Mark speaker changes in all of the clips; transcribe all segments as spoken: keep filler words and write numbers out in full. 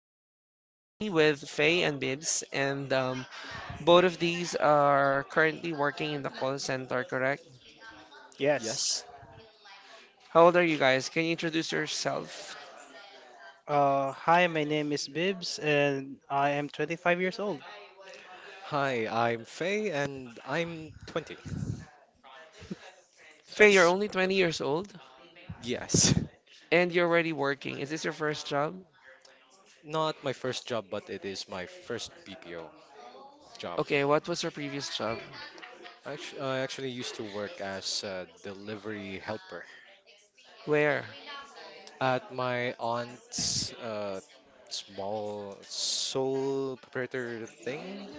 Speaker 1: Um, I'll be with Faye and Bibs, and um, both of these are currently working in the call center, correct?
Speaker 2: Yes.
Speaker 3: Yes.
Speaker 1: How old are you guys? Can you introduce yourself?
Speaker 2: Uh, hi, my name is Bibs, and I am twenty-five years old.
Speaker 3: Hi, I'm Faye and I'm twenty.
Speaker 1: Faye, you're
Speaker 3: That's
Speaker 1: only twenty years old
Speaker 3: yes.
Speaker 1: and you're already working. Is this your first job?
Speaker 3: Not my first job, but it is my first B P O job.
Speaker 1: Okay, what was your previous job?
Speaker 3: Actu- I actually used to work as a delivery helper
Speaker 1: Where?
Speaker 3: at my aunt's uh, small sole proprietor thing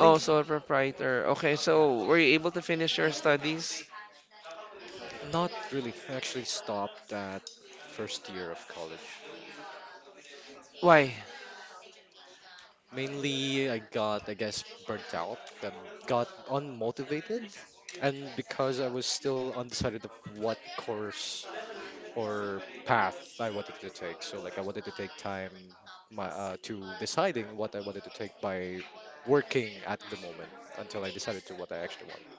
Speaker 1: Oh, sole proprietor. Okay, so were you able to finish your studies?
Speaker 3: Not really. I actually stopped at first year of college.
Speaker 1: Why?
Speaker 3: Mainly, I got, I guess, burnt out and got unmotivated. And because I was still undecided of what course or path I wanted to take, so like I wanted to take time my uh, to deciding what I wanted to take by working at the moment until I decided to what I actually want.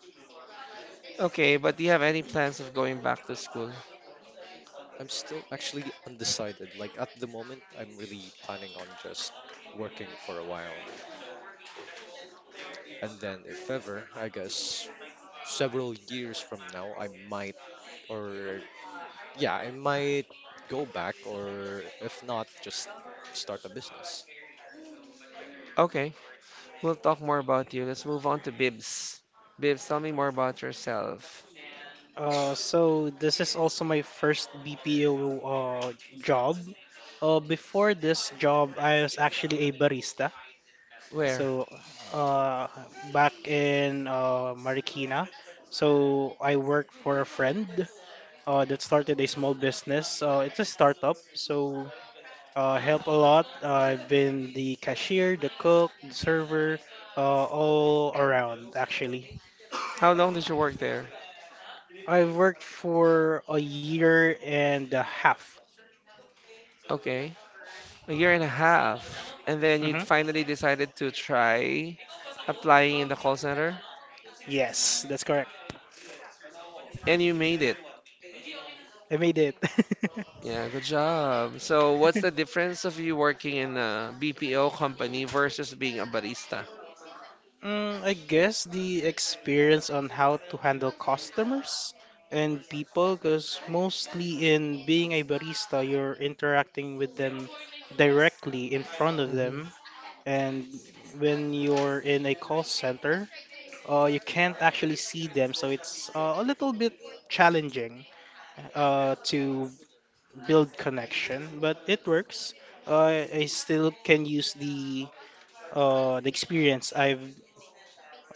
Speaker 1: Okay, but do you have any plans of going back to school?
Speaker 3: I'm still actually undecided. Like at the moment, I'm really planning on just working for a while, and then if ever, I guess several years from now, I might Or yeah, I might go back, or if not, just start a business.
Speaker 1: Okay. We'll talk more about you. Let's move on to Bibs. Bibs, tell me more about yourself.
Speaker 2: Uh, so this is also my first B P O uh, job. Uh, before this job, I was actually a barista.
Speaker 1: Where?
Speaker 2: So uh, back in uh, Marikina, so I worked for a friend uh, that started a small business. Uh, it's a startup, so Uh, help a lot. Uh, I've been the cashier, the cook, the server, uh, all around actually.
Speaker 1: How long did you work there?
Speaker 2: I've worked for a year and a half.
Speaker 1: Okay. A year and a half. And then you
Speaker 2: Hmm.
Speaker 1: finally decided to try applying in the call center?
Speaker 2: Yes, that's correct.
Speaker 1: And you made it.
Speaker 2: I made it.
Speaker 1: Yeah, good job. So, what's the difference of you working in a B P O company versus being a barista?
Speaker 2: Mm, I guess the experience on how to handle customers and people, because mostly in being a barista, you're interacting with them directly in front of
Speaker 1: Hmm.
Speaker 2: them. And when you're in a call center, uh, you can't actually see them, so it's uh, a little bit challenging uh, to build connection, but it works. Uh, I still can use the uh, the experience I've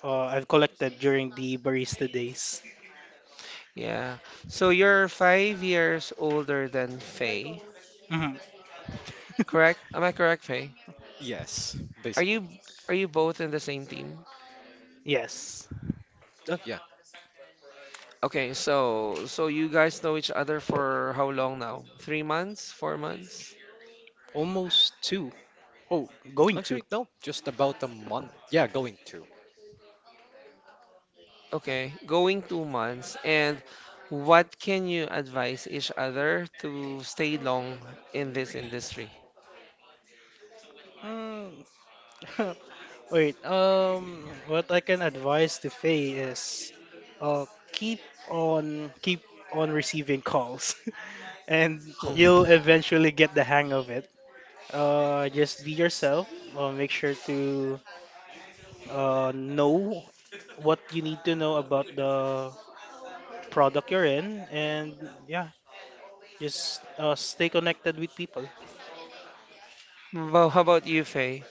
Speaker 2: uh, I've collected during the barista days.
Speaker 1: Yeah. So, you're five years older than Faye,
Speaker 2: Mhm.
Speaker 1: correct? Am I correct, Faye?
Speaker 3: Yes,
Speaker 1: Are
Speaker 3: basically.
Speaker 1: you are you both in the same team?
Speaker 2: Yes,
Speaker 3: Oh, yeah.
Speaker 1: Okay, so so you guys know each other for how long now? Three months? Four months?
Speaker 2: almost two. Oh, going to.
Speaker 3: Actually, no, just about a month. Yeah, going to.
Speaker 1: Okay, going two months. And what can you advise each other to stay long in this industry?
Speaker 2: Mm. Wait, um, what I can advise to Faye is, uh, keep on keep on receiving calls, and
Speaker 1: Hmm.
Speaker 3: Oh,
Speaker 2: you'll eventually get the hang of it. Uh, just be yourself. Uh, make sure to uh, know what you need to know about the product you're in, and yeah, just uh, stay connected with people.
Speaker 1: Well, how about you, Faye?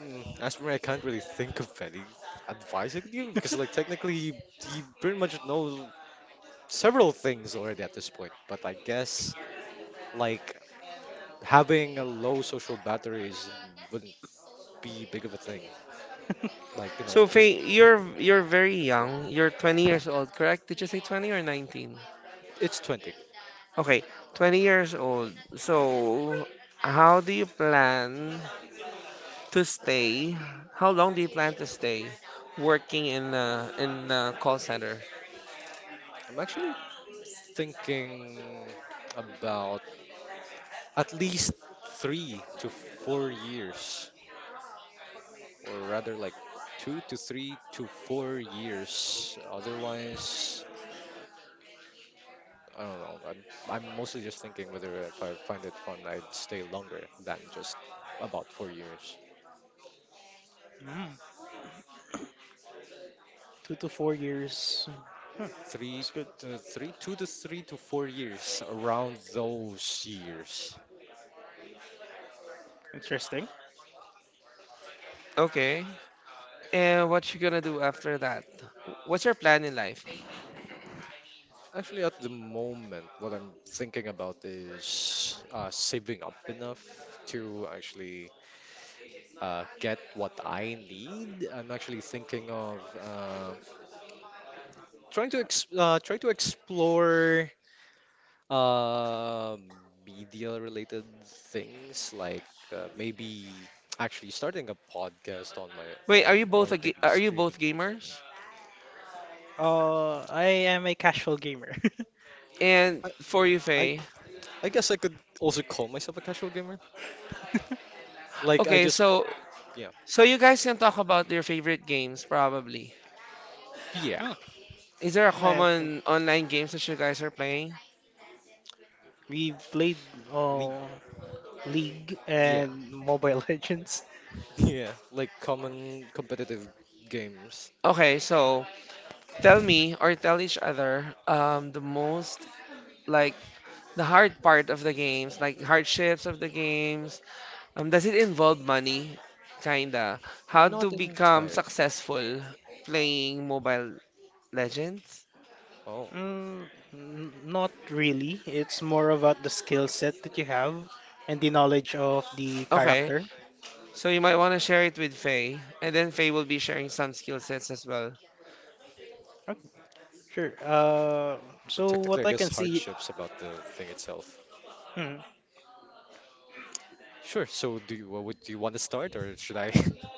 Speaker 3: mm, as for me, I can't really think of any advice I could give because, like, technically, he, he pretty much knows several things already at this point. But I guess, like, having a low social battery is, wouldn't be big of a thing. Like, you know,
Speaker 1: So,
Speaker 3: just
Speaker 1: Faye, you're you're very
Speaker 3: with the flow.
Speaker 1: young. You're twenty years old, correct? Did you say twenty or nineteen?
Speaker 3: It's twenty.
Speaker 1: Okay, twenty years old. So, how do you plan? To stay, how long do you plan to stay working in uh, in a call center?
Speaker 3: I'm actually thinking about at least three to four years, or rather, like two to three to four years. Otherwise, I don't know. I'm I'm mostly just thinking whether if I find it fun, I'd stay longer than just about four years.
Speaker 2: Mm, two to four years. Huh,
Speaker 3: Three
Speaker 2: that's good.
Speaker 3: to three, two to three to four years around those years.
Speaker 2: Interesting.
Speaker 1: Okay. And what you gonna do after that? What's your plan in life?
Speaker 3: Actually, at the moment, what I'm thinking about is uh, saving up enough to actually uh, get what I need. I'm actually thinking of uh, trying to ex uh, try to explore uh, media-related things, like uh, maybe actually starting a podcast on my
Speaker 1: Wait, are you
Speaker 3: own,
Speaker 1: both
Speaker 3: or
Speaker 1: a ga-
Speaker 3: maybe
Speaker 1: are you
Speaker 3: streaming.
Speaker 1: both gamers?
Speaker 2: Uh, I am a casual gamer.
Speaker 1: And
Speaker 3: I,
Speaker 1: for you,
Speaker 3: I
Speaker 1: Faye.
Speaker 3: I guess I could also call myself a casual gamer. Like I
Speaker 1: Okay,
Speaker 3: just
Speaker 1: so
Speaker 3: yeah
Speaker 1: so you guys can talk about your favorite games probably.
Speaker 3: yeah
Speaker 2: Oh,
Speaker 1: Is there a
Speaker 2: like,
Speaker 1: common online games that you guys are playing?
Speaker 2: we played
Speaker 3: le-
Speaker 2: uh, League
Speaker 3: yeah
Speaker 2: and Mobile Legends.
Speaker 3: Yeah, like common competitive games.
Speaker 1: Okay, so tell me or tell each other um the most like the hard part of the games, like hardships of the games. Um, does it involve money? Kinda. How to
Speaker 3: Not
Speaker 1: become
Speaker 3: entirely.
Speaker 1: successful playing Mobile Legends?
Speaker 3: Oh,
Speaker 2: Mm, n- not really. It's more about the skill set that you have and the knowledge of the
Speaker 1: Okay,
Speaker 2: character.
Speaker 1: so you might want to share it with Faye, and then Faye will be sharing some skill sets as well.
Speaker 2: Okay, sure. Uh,
Speaker 3: we're
Speaker 2: so
Speaker 3: technically,
Speaker 2: what
Speaker 3: I
Speaker 2: I
Speaker 3: guess,
Speaker 2: can see,
Speaker 3: hardships about the thing itself.
Speaker 2: hmm,
Speaker 3: Sure. So, do you, what would do you want to start, or should I?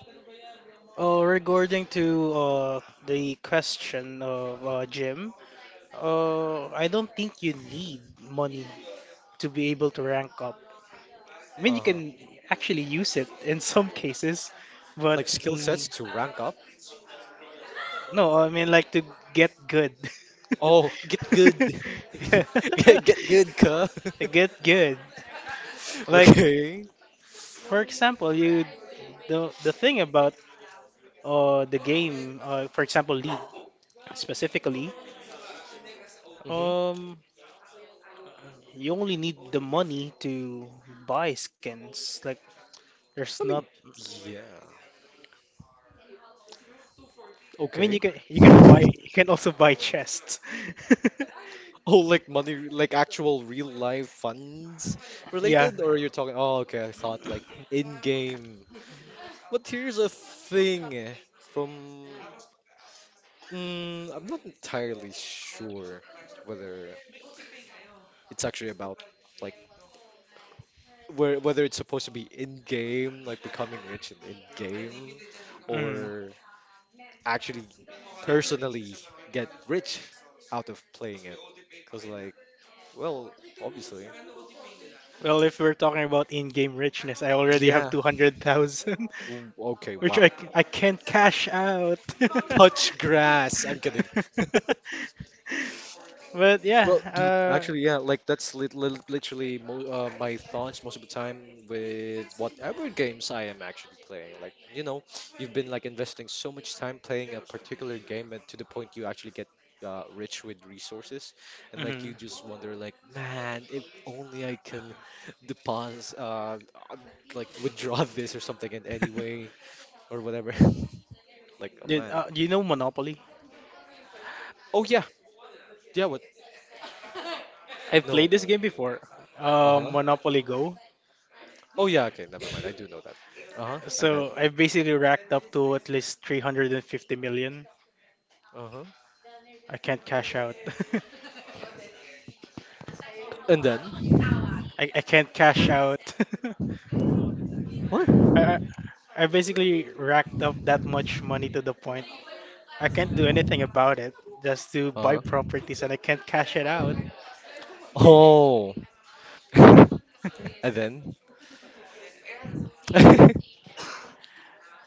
Speaker 2: uh, regarding to uh, the question of uh, Jim, uh, I don't think you need money to be able to rank up. I mean, you
Speaker 3: Uh-huh.
Speaker 2: can actually use it in some cases, but
Speaker 3: Like skill
Speaker 2: mm,
Speaker 3: sets to rank up?
Speaker 2: no, I mean, like to get good.
Speaker 3: Oh, get good. Get get good, cuh.
Speaker 2: To get good. Like,
Speaker 3: Okay.
Speaker 2: for example, you the the thing about uh the game, uh, for example, League specifically,
Speaker 3: Mm-hmm.
Speaker 2: um, you only need the money to buy skins. Like, there's
Speaker 3: I
Speaker 2: not.
Speaker 3: mean, yeah.
Speaker 2: I mean, you
Speaker 3: Okay.
Speaker 2: can you can buy you can also buy chests.
Speaker 3: Oh, like money, like actual real life funds
Speaker 2: Yeah.
Speaker 3: related, or you're talking? Oh, okay. I thought like in-game. But here's a thing eh, from mm, I'm not entirely sure whether it's actually about like where whether it's supposed to be in game, like becoming rich in in game,
Speaker 2: Mm.
Speaker 3: or actually personally get rich out of playing it. Cause like, well, obviously,
Speaker 2: Well, if we're talking about in-game richness, I already have
Speaker 3: yeah.
Speaker 2: two hundred thousand,
Speaker 3: w- Okay,
Speaker 2: which
Speaker 3: wow.
Speaker 2: I, c- I can't cash out.
Speaker 3: Touch grass. I'm kidding.
Speaker 2: But yeah,
Speaker 3: Well, dude,
Speaker 2: uh,
Speaker 3: actually, yeah, like that's lit lit literally mo uh, my thoughts most of the time with whatever games I am actually playing. Like, you know, you've been like investing so much time playing a particular game, and to the point you actually get uh, rich with resources, and like you
Speaker 2: mhm.
Speaker 3: just wonder, like, man, if only I can deposit, uh, uh, like withdraw this or something in any way or whatever. Like, oh
Speaker 2: You,
Speaker 3: man.
Speaker 2: uh, you know Monopoly?
Speaker 3: Oh yeah, yeah. What?
Speaker 2: I've
Speaker 3: No.
Speaker 2: played this game before,
Speaker 3: Uh-huh.
Speaker 2: um, Monopoly Go.
Speaker 3: Oh yeah, okay, never mind. I do know that. Uh-huh. And then?
Speaker 2: So I've basically racked up to at least three hundred fifty million.
Speaker 3: Uh-huh.
Speaker 2: I can't cash out.
Speaker 3: And then?
Speaker 2: I, I can't cash out.
Speaker 3: What?
Speaker 2: I, I I basically racked up that much money to the point I can't do anything about it, just to buy
Speaker 3: Uh-huh.
Speaker 2: properties and I can't cash it out.
Speaker 3: Oh. And then?
Speaker 2: Hmm.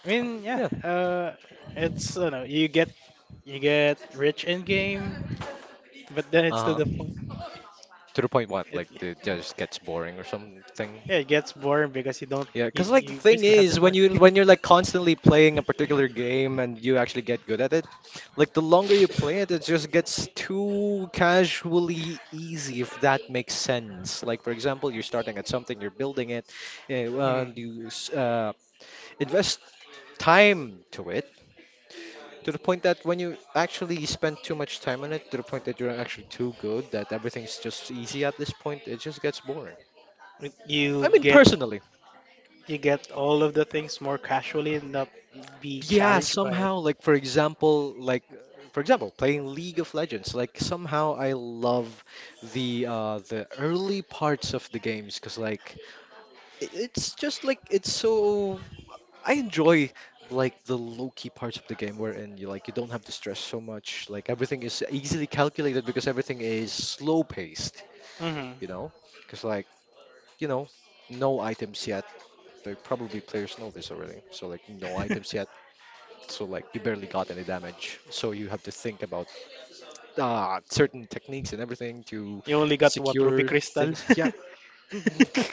Speaker 2: I mean, yeah,
Speaker 3: Yeah.
Speaker 2: uh, it's you know you get you get rich in game, but then it's to
Speaker 3: Uh-huh.
Speaker 2: the
Speaker 3: To
Speaker 2: point.
Speaker 3: the point what?
Speaker 2: It,
Speaker 3: Like the just gets boring or something?
Speaker 2: yeah, it gets boring because you don't
Speaker 3: Yeah,
Speaker 2: you,
Speaker 3: cause like the
Speaker 2: you
Speaker 3: thing
Speaker 2: basically have the
Speaker 3: is when
Speaker 2: money.
Speaker 3: you when you're like constantly playing a particular game and you actually get good at it, like the longer you play it, it just gets too casually easy if that makes sense. Like for example, you're starting at something, you're building it, yeah,
Speaker 2: Hmm.
Speaker 3: and you s- uh, invest time to it to the point that when you actually spend too much time on it to the point that you're actually too good that everything's just easy at this point it just gets boring.
Speaker 2: It-
Speaker 3: I
Speaker 2: You
Speaker 3: mean,
Speaker 2: get
Speaker 3: personally,
Speaker 2: you get all of the things more casually and not be
Speaker 3: yeah,
Speaker 2: challenged by it.
Speaker 3: somehow like for example like uh, for example playing League of Legends, like somehow I love the uh the early parts of the games because like i- it's just like it's so I enjoy like the low-key parts of the game wherein you like you don't have to stress so much. Like everything is easily calculated because everything is slow-paced,
Speaker 2: Hmm.
Speaker 3: you know? Because like, you know, no items yet. Like probably players know this already. So like no items yet. So like you barely got any damage. So you have to think about uh, certain techniques and everything to
Speaker 2: You only got what, Ruby
Speaker 3: secure
Speaker 2: Crystal?
Speaker 3: things. Yeah.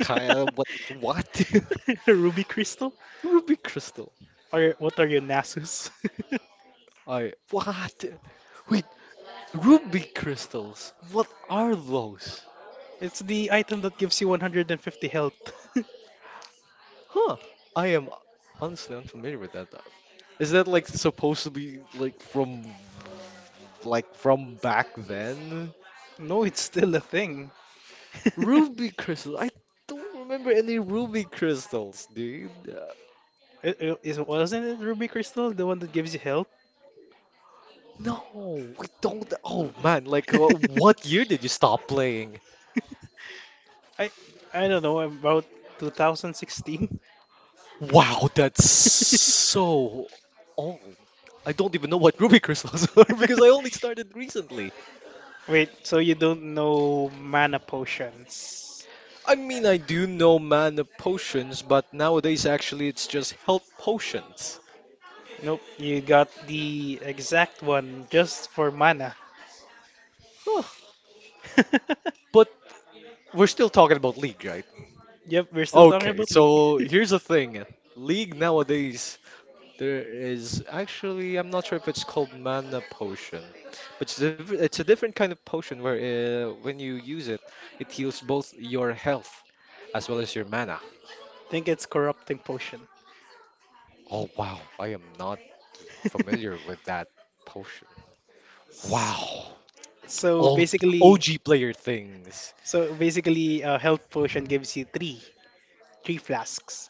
Speaker 3: Kyle, what what?
Speaker 2: Ruby Crystal?
Speaker 3: Ruby Crystal.
Speaker 2: Or what are you, Nasus?
Speaker 3: I what? We Ruby crystals. What are those?
Speaker 2: It's the item that gives you one hundred fifty health.
Speaker 3: Huh. I am honestly unfamiliar with that. Is that like supposed to be like from like from back then?
Speaker 2: No, it's still a thing.
Speaker 3: Ruby crystals. I don't remember any ruby crystals, dude. Uh,
Speaker 2: It, it, is- wasn't it Ruby Crystal, the one that gives you health?
Speaker 3: No, we don't. Oh man, like uh, what year did you stop playing?
Speaker 2: I I don't know, about twenty sixteen?
Speaker 3: Wow, that's so old. I don't even know what ruby crystals are because I only started recently.
Speaker 2: Wait, so you don't know mana potions?
Speaker 3: I mean, I do know mana potions, but nowadays actually it's just health potions.
Speaker 2: Nope, you got the exact one just for mana.
Speaker 3: Huh. But we're still talking about League, right?
Speaker 2: Yep, we're still talking
Speaker 3: Okay,
Speaker 2: about League.
Speaker 3: so here's the thing. League nowadays, there is actually, I'm not sure if it's called mana potion, but it's, diff- it's a different kind of potion where uh, when you use it, it heals both your health as well as your mana.
Speaker 2: Think it's corrupting potion.
Speaker 3: Oh wow, I am not familiar with that potion.
Speaker 2: S-
Speaker 3: Wow,
Speaker 2: so
Speaker 3: old
Speaker 2: basically,
Speaker 3: O G player things.
Speaker 2: so basically, a health potion gives you three three flasks,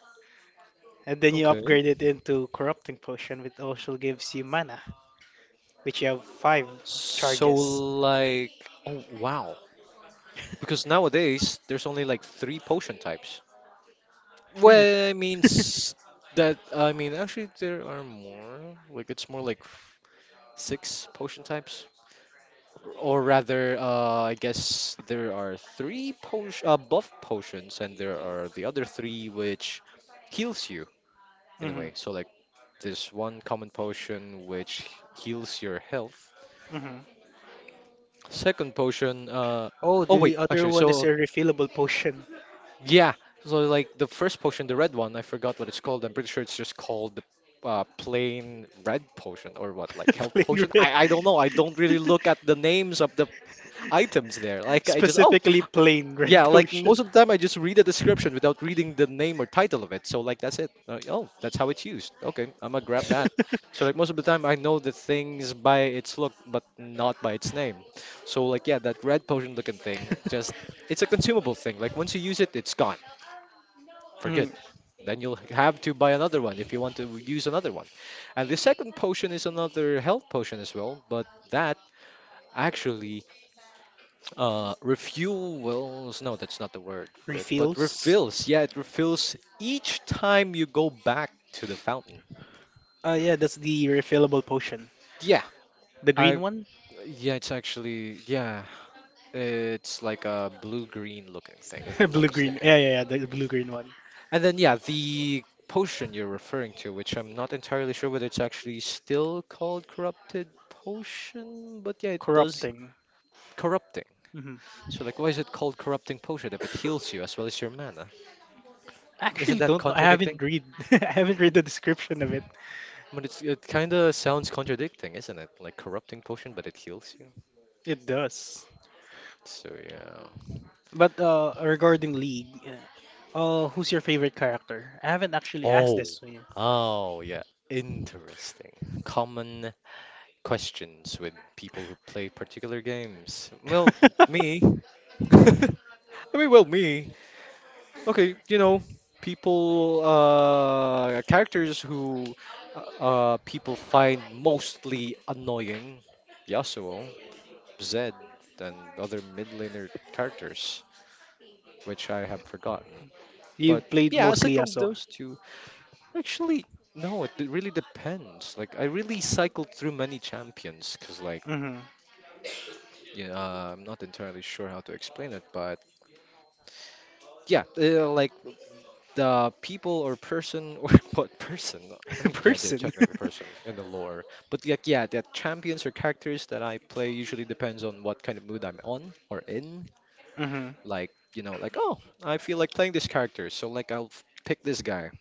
Speaker 2: and then you
Speaker 3: Okay.
Speaker 2: upgrade it into corrupting potion, which also gives you mana, which you have five
Speaker 3: So
Speaker 2: charges.
Speaker 3: like, oh wow. Because nowadays there's only like three potion types.
Speaker 2: Really?
Speaker 3: Well, I mean s- that I mean actually there are more. Like it's more like f- six potion types, or rather, uh, I guess there are three potion uh, buff potions, and there are the other three which heals you in a
Speaker 2: Hmm.
Speaker 3: way. So like this one common potion which heals your health.
Speaker 2: Hmm.
Speaker 3: Second potion, uh,
Speaker 2: Oh,
Speaker 3: oh wait,
Speaker 2: the other
Speaker 3: actually,
Speaker 2: one is
Speaker 3: so
Speaker 2: a refillable potion.
Speaker 3: Yeah, so like the first potion, the red one, I forgot what it's called. I'm pretty sure it's just called the uh, plain red potion or what, like health
Speaker 2: Plain
Speaker 3: potion.
Speaker 2: red.
Speaker 3: I I don't know. I don't really look at the names of the items there. Like I just oh
Speaker 2: Specifically plain red
Speaker 3: yeah, like
Speaker 2: potion.
Speaker 3: most of the time I just read the description without reading the name or title of it. So like that's it. Uh, oh, that's how it's used. Okay, I'm gonna grab that. So like most of the time I know the things by its look, but not by its name. So like yeah, that red potion looking thing just it's a consumable thing. Like once you use it, it's gone.
Speaker 2: Hmm.
Speaker 3: Forget. Then you'll have to buy another one if you want to use another one. And the second potion is another health potion as well, but that actually uh, refuels. No, that's not the word for it, but
Speaker 2: Refills.
Speaker 3: refills. Yeah, it refills each time you go back to the fountain.
Speaker 2: Uh, yeah, that's the refillable potion.
Speaker 3: Yeah,
Speaker 2: The green
Speaker 3: I.
Speaker 2: one.
Speaker 3: Yeah, it's actually. Yeah, it's like a blue green looking thing, if I'm not
Speaker 2: Blue green.
Speaker 3: mistaken.
Speaker 2: Yeah, yeah, yeah. The blue green one.
Speaker 3: And then, yeah, the potion you're referring to, which I'm not entirely sure whether it's actually still called corrupted potion, but yeah, it does
Speaker 2: Corrupting.
Speaker 3: corrupting.
Speaker 2: Hmm.
Speaker 3: So, like, why is it called corrupting potion if it heals you as well as your mana? Isn't
Speaker 2: Actually,
Speaker 3: that
Speaker 2: don't know. I haven't
Speaker 3: contradicting?
Speaker 2: read. I haven't read the description of it.
Speaker 3: I mean, it's, it kind of sounds contradicting, isn't it? Like corrupting potion, but it heals you.
Speaker 2: It does.
Speaker 3: So, yeah.
Speaker 2: But uh, regarding League, uh, uh, who's your favorite character? I haven't actually asked
Speaker 3: Oh,
Speaker 2: this to you.
Speaker 3: oh, yeah. Interesting. Common questions with people who play particular games. Well, me. I mean, well, me. Okay, you know, people, uh, characters who, uh, uh, people find mostly annoying. Yasuo, Zed, and other mid laner characters, which I have forgotten.
Speaker 2: You
Speaker 3: But
Speaker 2: played
Speaker 3: yeah, aside
Speaker 2: mostly
Speaker 3: from
Speaker 2: Yasuo.
Speaker 3: those two, actually, no, it d- really depends. Like, I really cycled through many champions, cause like,
Speaker 2: Hmm.
Speaker 3: yeah, uh, I'm not entirely sure how to explain it, but yeah, uh, like the people or person or what person? I mean, yeah, they're
Speaker 2: Person.
Speaker 3: technically person in the lore, but like, yeah, the champions or characters that I play usually depends on what kind of mood I'm on or in.
Speaker 2: Hmm.
Speaker 3: Like, you know, like, oh, I feel like playing this character, so like I'll f- pick this guy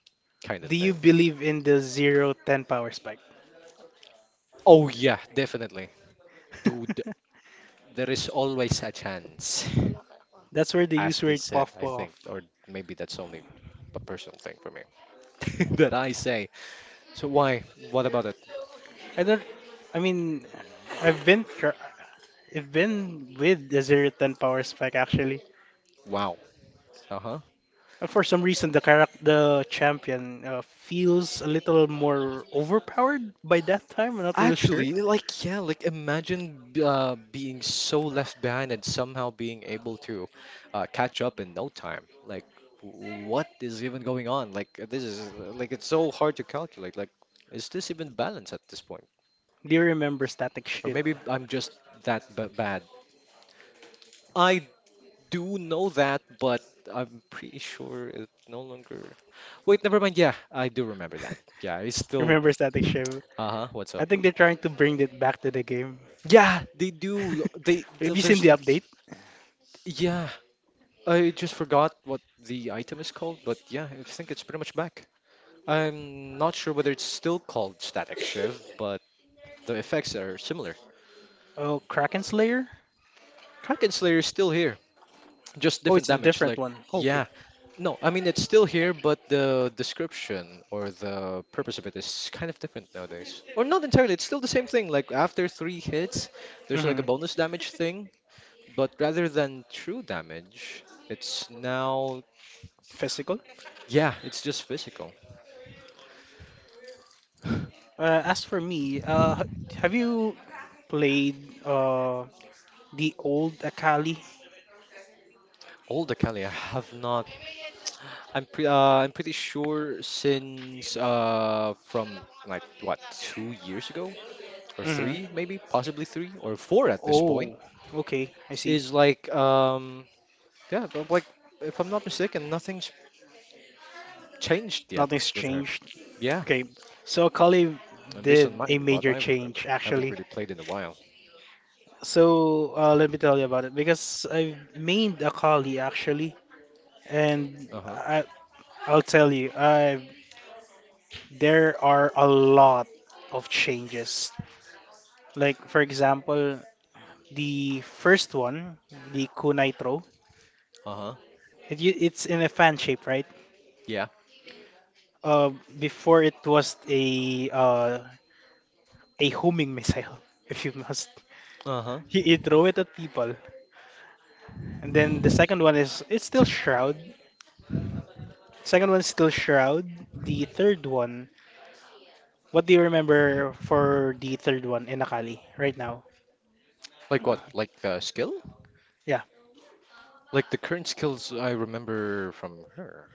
Speaker 3: kind of
Speaker 2: Do you
Speaker 3: thing.
Speaker 2: believe in the zero ten power spike?
Speaker 3: Oh yeah, definitely. Dude, there is always a chance,
Speaker 2: That's where they
Speaker 3: as
Speaker 2: use
Speaker 3: they
Speaker 2: word
Speaker 3: said,
Speaker 2: puff
Speaker 3: I think,
Speaker 2: puff.
Speaker 3: or maybe that's only a personal thing for me that I say. So why? What about it?
Speaker 2: I don't. I mean, I've been. Tr- I've been with the zero ten power spec actually.
Speaker 3: Wow. Uh-huh.
Speaker 2: But for some reason, the character, the champion, uh, feels a little more overpowered by that time. I'm not really sure.
Speaker 3: Actually, like yeah, like imagine b- uh, being so left behind and somehow being able to uh, catch up in no time. Like, w- what is even going on? Like, uh, this is uh, like it's so hard to calculate. Like, is this even balanced at this point?
Speaker 2: Do you remember Static
Speaker 3: Or
Speaker 2: Shiv?
Speaker 3: maybe I'm just that b bad. I do know that, but I'm pretty sure it no longer. Wait, never mind. Yeah, I do remember that. Yeah, it's still.
Speaker 2: Remember Static Shiv?
Speaker 3: Uh-huh. What's
Speaker 2: I
Speaker 3: up?
Speaker 2: think they're trying to bring it back to the game.
Speaker 3: Yeah, they do. They
Speaker 2: Have
Speaker 3: th-
Speaker 2: you seen
Speaker 3: there's
Speaker 2: the
Speaker 3: like,
Speaker 2: update?
Speaker 3: yeah, I just forgot what the item is called, but yeah, I think it's pretty much back. I'm not sure whether it's still called Static Shift, but the effects are similar.
Speaker 2: Oh, Kraken Slayer?
Speaker 3: Kraken Slayer is still here, just
Speaker 2: Oh,
Speaker 3: different
Speaker 2: it's the
Speaker 3: damage.
Speaker 2: different
Speaker 3: Like,
Speaker 2: one. Okay.
Speaker 3: yeah, no, I mean it's still here, but the description or the purpose of it is kind of different nowadays. Or not entirely. It's still the same thing. Like after three hits, there's like a
Speaker 2: Mm-hmm.
Speaker 3: bonus damage thing, but rather than true damage, it's now,
Speaker 2: Physical.
Speaker 3: yeah, it's just physical.
Speaker 2: Uh, as for me, uh, h- have you played uh the old Akali?
Speaker 3: Old Acalia have not— I'm pre uh, I'm pretty sure since uh from like what, two years ago or three,
Speaker 2: Mm-hmm.
Speaker 3: maybe possibly three or four at this point,
Speaker 2: Oh, okay, I see.
Speaker 3: is like, um yeah, but like if I'm not mistaken, nothing's changed yet
Speaker 2: Nothing's
Speaker 3: with her,
Speaker 2: changed.
Speaker 3: yeah.
Speaker 2: Okay, so Kali
Speaker 3: And based
Speaker 2: did
Speaker 3: on my—
Speaker 2: a
Speaker 3: what
Speaker 2: major
Speaker 3: I
Speaker 2: change
Speaker 3: remember— I haven't
Speaker 2: actually.
Speaker 3: really played in a while.
Speaker 2: So uh, let me tell you about it because I made a Kali actually, and
Speaker 3: Uh-huh.
Speaker 2: I, I'll tell you, I there are a lot of changes. Like for example, the first one, the kunai throw.
Speaker 3: Uh-huh.
Speaker 2: It, u- it's in a fan shape, right?
Speaker 3: Yeah.
Speaker 2: Uh, Before it was a uh, a homing missile, if you must.
Speaker 3: Uh-huh.
Speaker 2: You, you throw it at people. And then the second one is it's still Shroud. Second one is still Shroud. The third one, what do you remember for the third one in Akali right now?
Speaker 3: Like what? Like, uh skill?
Speaker 2: Yeah,
Speaker 3: Like the current skills I remember from her.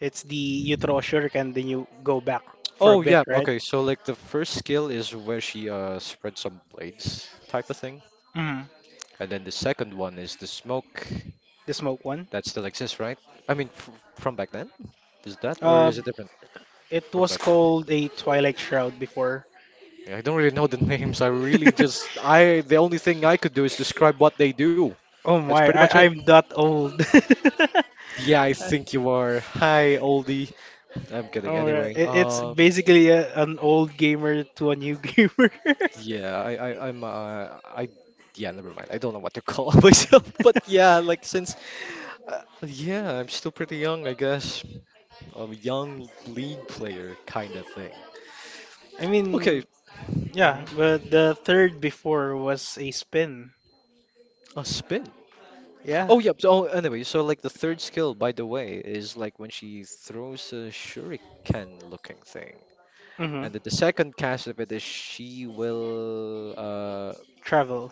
Speaker 2: it's the you throw a shuriken then you go back for a
Speaker 3: Oh
Speaker 2: bit,
Speaker 3: yeah,
Speaker 2: right?
Speaker 3: okay. So like the first skill is where she uh spreads some blades type of thing,
Speaker 2: Mm.
Speaker 3: and then the second one is the smoke
Speaker 2: The smoke one.
Speaker 3: that still exists, right? I mean, fr from back then? Is that, or is it
Speaker 2: Um,
Speaker 3: different
Speaker 2: it
Speaker 3: from
Speaker 2: was
Speaker 3: back then?
Speaker 2: called a Twilight Shroud before.
Speaker 3: Yeah, I don't really know the names. I really just I The only thing I could do is describe what they do.
Speaker 2: Oh
Speaker 3: That's pretty
Speaker 2: my,
Speaker 3: much it.
Speaker 2: I, I'm that old.
Speaker 3: Yeah, I think you are. Hi, oldie. I'm kidding.
Speaker 2: Oh, yeah,
Speaker 3: Anyway,
Speaker 2: it, it's
Speaker 3: um,
Speaker 2: basically a, an old gamer to a new gamer.
Speaker 3: yeah, I, I, I'm, uh, I, yeah, never mind. I don't know what to call myself, but yeah, like since, Uh, yeah, I'm still pretty young, I guess. A young league player kind of thing.
Speaker 2: I
Speaker 3: Okay.
Speaker 2: mean,
Speaker 3: Hmm.
Speaker 2: yeah, but the third before was a spin.
Speaker 3: A spin.
Speaker 2: Yeah.
Speaker 3: Oh, yeah. So, oh, anyway, so like the third skill, by the way, is like when she throws a shuriken looking thing.
Speaker 2: Mm-hmm.
Speaker 3: And then the second cast of it is she will uh
Speaker 2: Travel.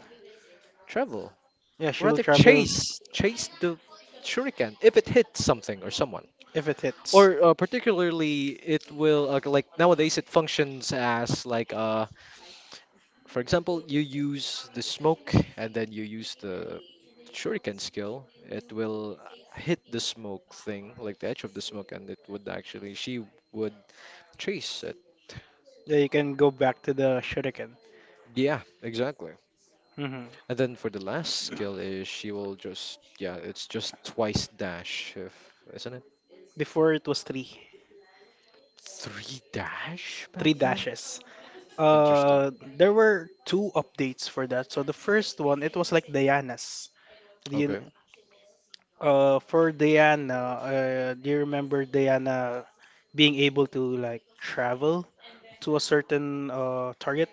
Speaker 3: travel.
Speaker 2: Yeah, she will
Speaker 3: Rather
Speaker 2: travel
Speaker 3: chase chase the shuriken if it hits something or someone.
Speaker 2: if it hits.
Speaker 3: Or uh, particularly it will, uh, like, nowadays it functions as like a— for example, you use the smoke and then you use the shuriken skill. It will hit the smoke thing, like the edge of the smoke, and it would actually— she would chase it.
Speaker 2: Yeah, you can go back to the shuriken.
Speaker 3: Yeah, exactly.
Speaker 2: Mm-hmm.
Speaker 3: And then for the last skill is she will just, yeah, it's just twice dash, if— isn't it?
Speaker 2: Before it was three.
Speaker 3: Three dash back
Speaker 2: Three
Speaker 3: then?
Speaker 2: dashes.
Speaker 3: Interesting.
Speaker 2: Uh, there were two updates for that. So the first one, it was like Diana's. The
Speaker 3: Okay.
Speaker 2: uh for Diana, uh, do you remember Diana being able to like travel to a certain uh target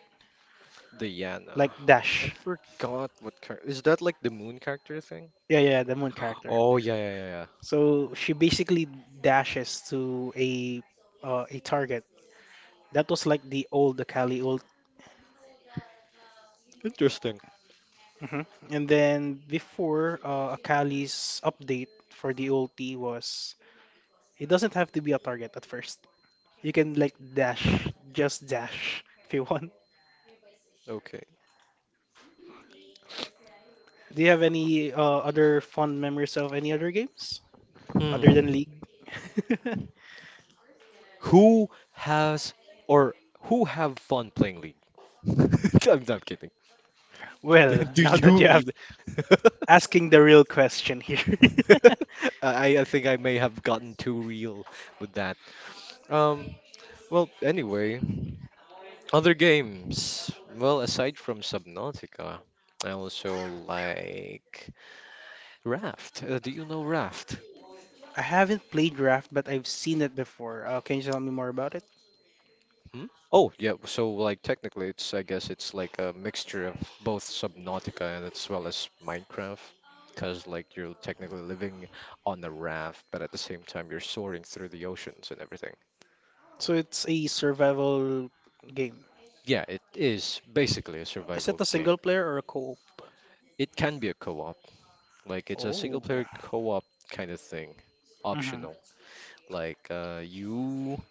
Speaker 3: Diana.
Speaker 2: like
Speaker 3: I
Speaker 2: dash?
Speaker 3: forgot what character. Is that like the moon character thing?
Speaker 2: Yeah, yeah, the moon character.
Speaker 3: Oh, yeah, yeah, yeah, yeah.
Speaker 2: So she basically dashes to a uh, a target. That was like the old Akali ult.
Speaker 3: Interesting.
Speaker 2: Hmm. And then before uh, Akali's update for the ulti was it doesn't have to be a target at first. You can like dash, just dash if you want.
Speaker 3: Okay.
Speaker 2: Do you have any uh, other fond memories of any other games other than
Speaker 3: Hmm.
Speaker 2: League?
Speaker 3: Who has or who have fun playing League? I'm not kidding.
Speaker 2: Well,
Speaker 3: Do
Speaker 2: now that
Speaker 3: you
Speaker 2: you have
Speaker 3: even?
Speaker 2: asking the real question here.
Speaker 3: I I think I may have gotten too real with that. Um. Well, anyway, other games. Well, aside from Subnautica, I also like Raft. Uh, do you know Raft?
Speaker 2: I haven't played Raft, but I've seen it before. Uh, can you tell me more about it?
Speaker 3: Hmm? Oh, yeah. So, like, technically, it's— I guess it's like a mixture of both Subnautica and as well as Minecraft, because like you're technically living on a raft, but at the same time you're soaring through the oceans and everything.
Speaker 2: So it's a survival game.
Speaker 3: Yeah, it is basically a
Speaker 2: Is it
Speaker 3: survival
Speaker 2: a
Speaker 3: game.
Speaker 2: single player or a co-op?
Speaker 3: It can be a co-op, like it's a
Speaker 2: Oh.
Speaker 3: single-player co-op kind of thing,
Speaker 2: Mm-hmm.
Speaker 3: optional. Like, uh, you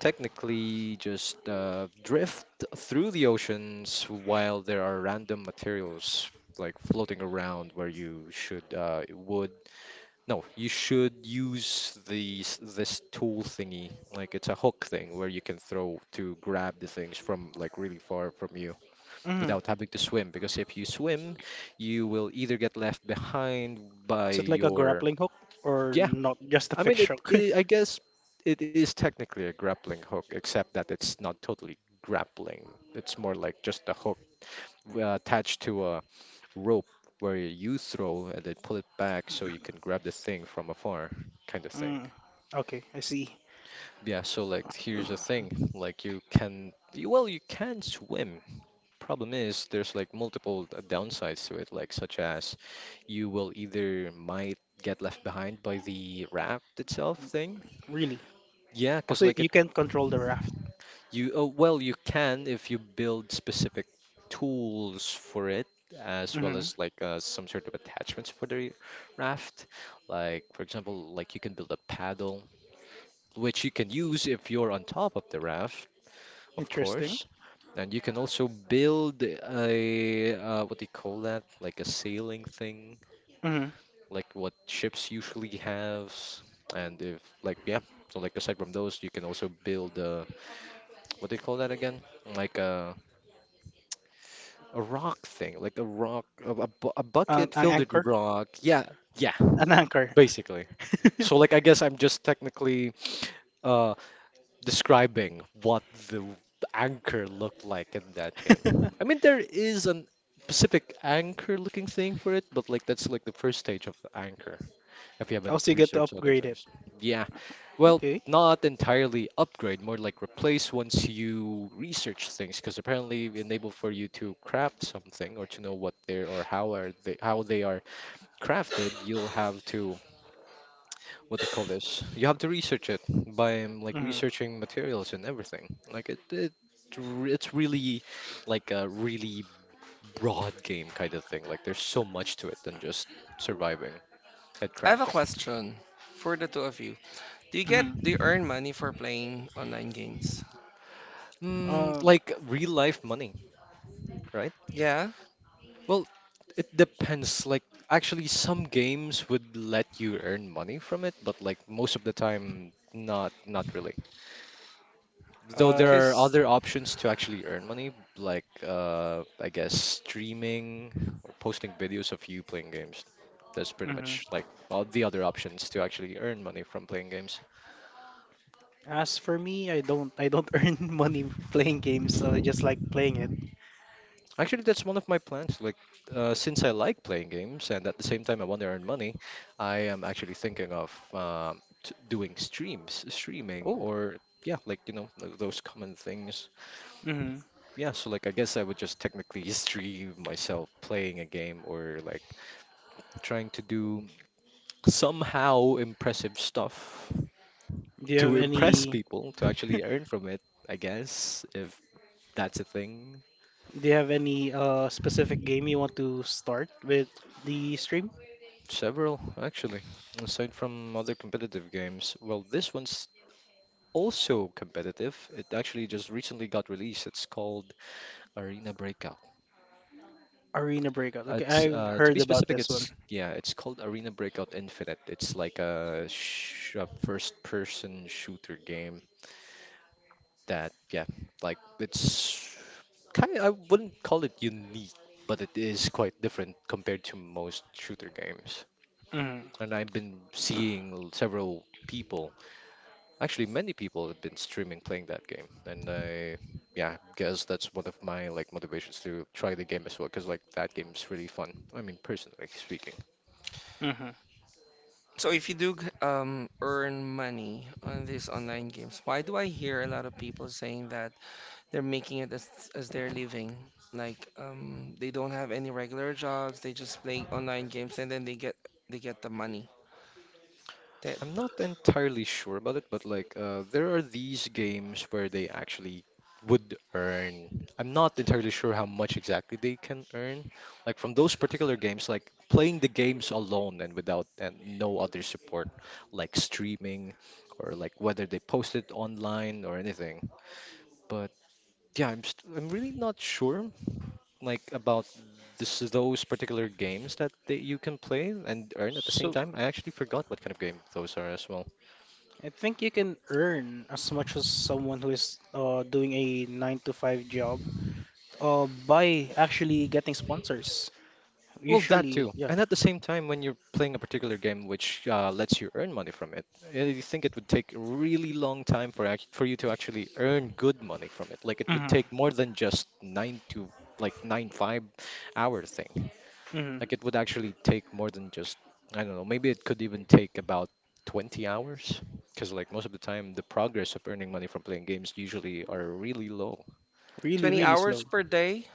Speaker 3: technically just uh, drift through the oceans while there are random materials like floating around, where you should— uh, would— no, you should use these— this tool thingy, like it's a hook thing where you can throw to grab the things from like really far from you
Speaker 2: Mm-hmm.
Speaker 3: without having to swim, because if you swim you will either get left behind by
Speaker 2: Is it like a
Speaker 3: your—
Speaker 2: grappling hook or
Speaker 3: yeah,
Speaker 2: not just a
Speaker 3: I mean,
Speaker 2: fixed
Speaker 3: it,
Speaker 2: hook?
Speaker 3: I I guess it is technically a grappling hook, except that it's not totally grappling. It's more like just a hook uh, attached to a rope where you throw and then pull it back so you can grab the thing from afar, kind of thing.
Speaker 2: Mm. Okay, I see.
Speaker 3: Yeah, so like here's the thing, like you can, you— well, you can swim. Problem is, there's like multiple d- downsides to it, like such as you will either might get left behind by the raft itself thing.
Speaker 2: Really?
Speaker 3: Yeah, because
Speaker 2: Also,
Speaker 3: like—
Speaker 2: you can control the raft.
Speaker 3: you— oh, well, you can if you build specific tools for it, as well
Speaker 2: Mm-hmm.
Speaker 3: as like, uh, some sort of attachments for the raft. Like for example, like you can build a paddle, which you can use if you're on top of the raft, of
Speaker 2: Interesting.
Speaker 3: course. And you can also build a, uh, what do you call that? Like a sailing thing,
Speaker 2: Mm-hmm.
Speaker 3: like what ships usually have. And if like, yeah, so like aside from those, you can also build, uh, what do you call that again? Like a— a rock thing, like a rock, a, a, bu- a
Speaker 2: An,
Speaker 3: bucket
Speaker 2: an
Speaker 3: filled with
Speaker 2: anchor?
Speaker 3: rock. Yeah, yeah,
Speaker 2: An anchor.
Speaker 3: basically. So, like, I guess I'm just technically, uh, describing what the anchor looked like in that game. I mean, there is an specific anchor-looking thing for it, but like that's like the first stage of the anchor. If you haven't
Speaker 2: Also, you get to
Speaker 3: researched other
Speaker 2: upgrade it.
Speaker 3: things, yeah, well,
Speaker 2: Okay.
Speaker 3: not entirely upgrade, more like replace once you research things, because apparently it enable for you to craft something or to know what they're or how are they— how they are crafted, you'll have to— what they call this. You have to research it by um, like
Speaker 2: Mm-hmm.
Speaker 3: researching materials and everything. Like it, it r- it's really like a really broad game kind of thing. Like there's so much to it than just surviving at
Speaker 1: I have a
Speaker 3: crafting.
Speaker 1: question for the two of you. Do you get
Speaker 2: Mm-hmm.
Speaker 1: do you earn money for playing online games?
Speaker 3: Mm,
Speaker 2: Um.
Speaker 3: like real life money, right?
Speaker 1: Yeah,
Speaker 3: Well, it depends. Like, actually, some games would let you earn money from it, but like most of the time, not not really. Though
Speaker 2: Uh.
Speaker 3: there are
Speaker 1: cause
Speaker 3: other options to actually earn money, like, uh, I guess streaming or posting videos of you playing games. That's pretty
Speaker 2: Mhm.
Speaker 3: much like all the other options to actually earn money from playing games.
Speaker 2: As for me, I don't I don't earn money playing games, so I just like playing it.
Speaker 3: Actually, that's one of my plans. Like, uh, since I like playing games and at the same time I want to earn money, I am actually thinking of um, t doing streams, streaming,
Speaker 2: Oh.
Speaker 3: or yeah, like, you know, th- those common things.
Speaker 2: Hmm.
Speaker 3: Yeah, so like, I guess I would just technically stream myself playing a game, or like trying to do somehow impressive stuff
Speaker 2: Do you have
Speaker 3: to impress
Speaker 2: any
Speaker 3: people, to actually earn from it, I guess, if that's a thing.
Speaker 2: Do you have any uh specific game you want to start with the stream?
Speaker 3: Several, actually, aside from other competitive games. Well, this one's also competitive. It actually just recently got released. It's called Arena Breakout.
Speaker 2: Arena Breakout. Okay,
Speaker 3: It's,
Speaker 2: I've
Speaker 3: uh, to
Speaker 2: heard
Speaker 3: be
Speaker 2: about
Speaker 3: specific,
Speaker 2: this one.
Speaker 3: it's yeah, it's called Arena Breakout Infinite. It's like a, sh a first-person shooter game that— yeah, like it's kind of— I wouldn't call it unique, but it is quite different compared to most shooter games.
Speaker 2: Mm-hmm.
Speaker 3: And I've been seeing several people— actually, many people have been streaming playing that game, and I— yeah, guess that's one of my like motivations to try the game as well, because like that game is really fun. I mean, personally speaking.
Speaker 2: Mm-hmm.
Speaker 1: so if you do g- um earn money on these online games, why do I hear a lot of people saying that they're making it as as their living? Like um, they don't have any regular jobs. They just play online games and then they get they get the money. That
Speaker 3: I'm not entirely sure about it, but like, uh, there are these games where they actually would earn. I'm not entirely sure how much exactly they can earn, like from those particular games, like playing the games alone and without— and no other support, like streaming, or like whether they post it online or anything, but. Yeah, I'm st I'm really not sure like about this— those particular games that they— you can play and earn at the same
Speaker 2: So
Speaker 3: time. I actually forgot what kind of game those are as well.
Speaker 2: I think you can earn as much as someone who is uh doing a nine to five job uh by actually getting sponsors.
Speaker 3: Well, that
Speaker 2: Usually,
Speaker 3: too.
Speaker 2: yeah.
Speaker 3: And at the same time, when you're playing a particular game which, uh, lets you earn money from it, I think it would take a really long time for act— for you to actually earn good money from it. Like it would
Speaker 2: Mm-hmm.
Speaker 3: take more than just nine to— like nine five hour thing.
Speaker 2: Mm-hmm.
Speaker 3: Like it would actually take more than just, I don't know, maybe it could even take about twenty hours. Because like most of the time, the progress of earning money from playing games usually are really low.
Speaker 2: Really,
Speaker 1: twenty
Speaker 2: really
Speaker 1: hours
Speaker 2: slow.
Speaker 1: per day?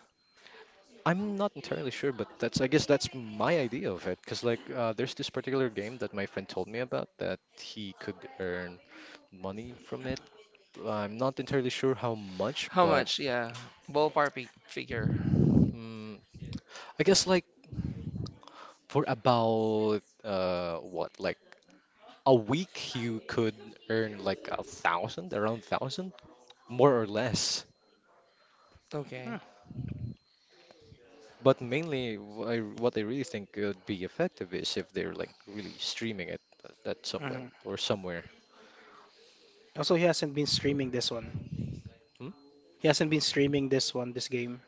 Speaker 3: I'm not entirely sure, but that's— I guess that's my idea of it. Because like, uh, there's this particular game that my friend told me about that he could earn money from it. I'm not entirely sure how much,
Speaker 1: How
Speaker 3: but
Speaker 1: much? Yeah, ballpark fi- figure.
Speaker 3: mm, I guess like for about, uh what, like, a week you could earn like a thousand, around thousand, more or less.
Speaker 1: Okay.
Speaker 3: But mainly, wh- I- what I really think could be effective is if they're like really streaming it at at some
Speaker 2: Mm-hmm.
Speaker 3: point or somewhere.
Speaker 2: Also, he hasn't been streaming this one.
Speaker 3: Hmm?
Speaker 2: He hasn't been streaming this one, this game.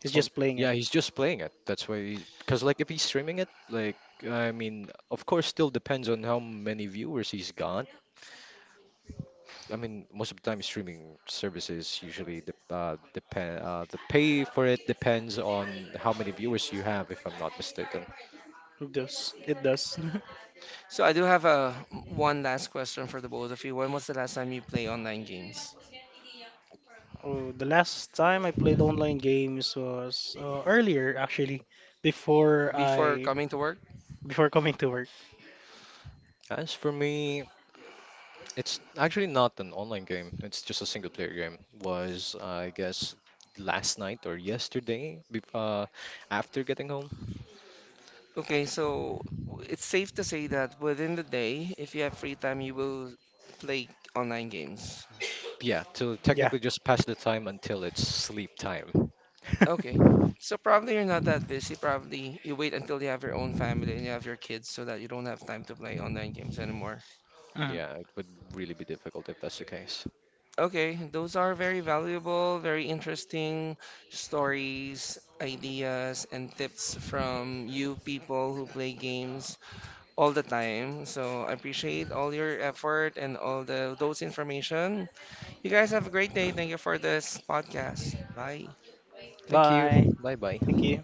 Speaker 2: He's
Speaker 3: Oh,
Speaker 2: just playing it.
Speaker 3: yeah, he's just playing it. That's why he— because like if he's streaming it, like I mean, of course, still depends on how many viewers he's got. I mean, most of the time, streaming services usually de uh, depend, uh, the pay for it depends on how many viewers you have, if I'm not mistaken.
Speaker 2: It does. It does.
Speaker 1: So I do have a one last question for the both of you. When was the last time you play online games?
Speaker 2: Oh, the last time I played online games was uh, earlier, actually, before
Speaker 1: Before
Speaker 2: I
Speaker 1: coming to work?
Speaker 2: before coming to work.
Speaker 3: As for me, it's actually not an online game. It's just a single player game. Was, I guess, last night or yesterday bef- uh, after getting home.
Speaker 1: Okay, so it's safe to say that within the day, if you have free time, you will play online games.
Speaker 3: Yeah, to
Speaker 2: Yeah.
Speaker 3: technically just pass the time until it's sleep time.
Speaker 1: Okay. So probably you're not that busy. Probably you wait until you have your own family and you have your kids so that you don't have time to play online games anymore.
Speaker 2: Mm.
Speaker 3: Yeah, it would really be difficult if that's the case.
Speaker 1: Okay, those are very valuable, very interesting stories, ideas, and tips from you people who play games all the time. So I appreciate all your effort and all the those information. You guys have a great day. Thank you for this podcast. Bye.
Speaker 3: Thank you.
Speaker 2: Bye.
Speaker 3: Bye
Speaker 2: Thank
Speaker 3: bye.
Speaker 2: you.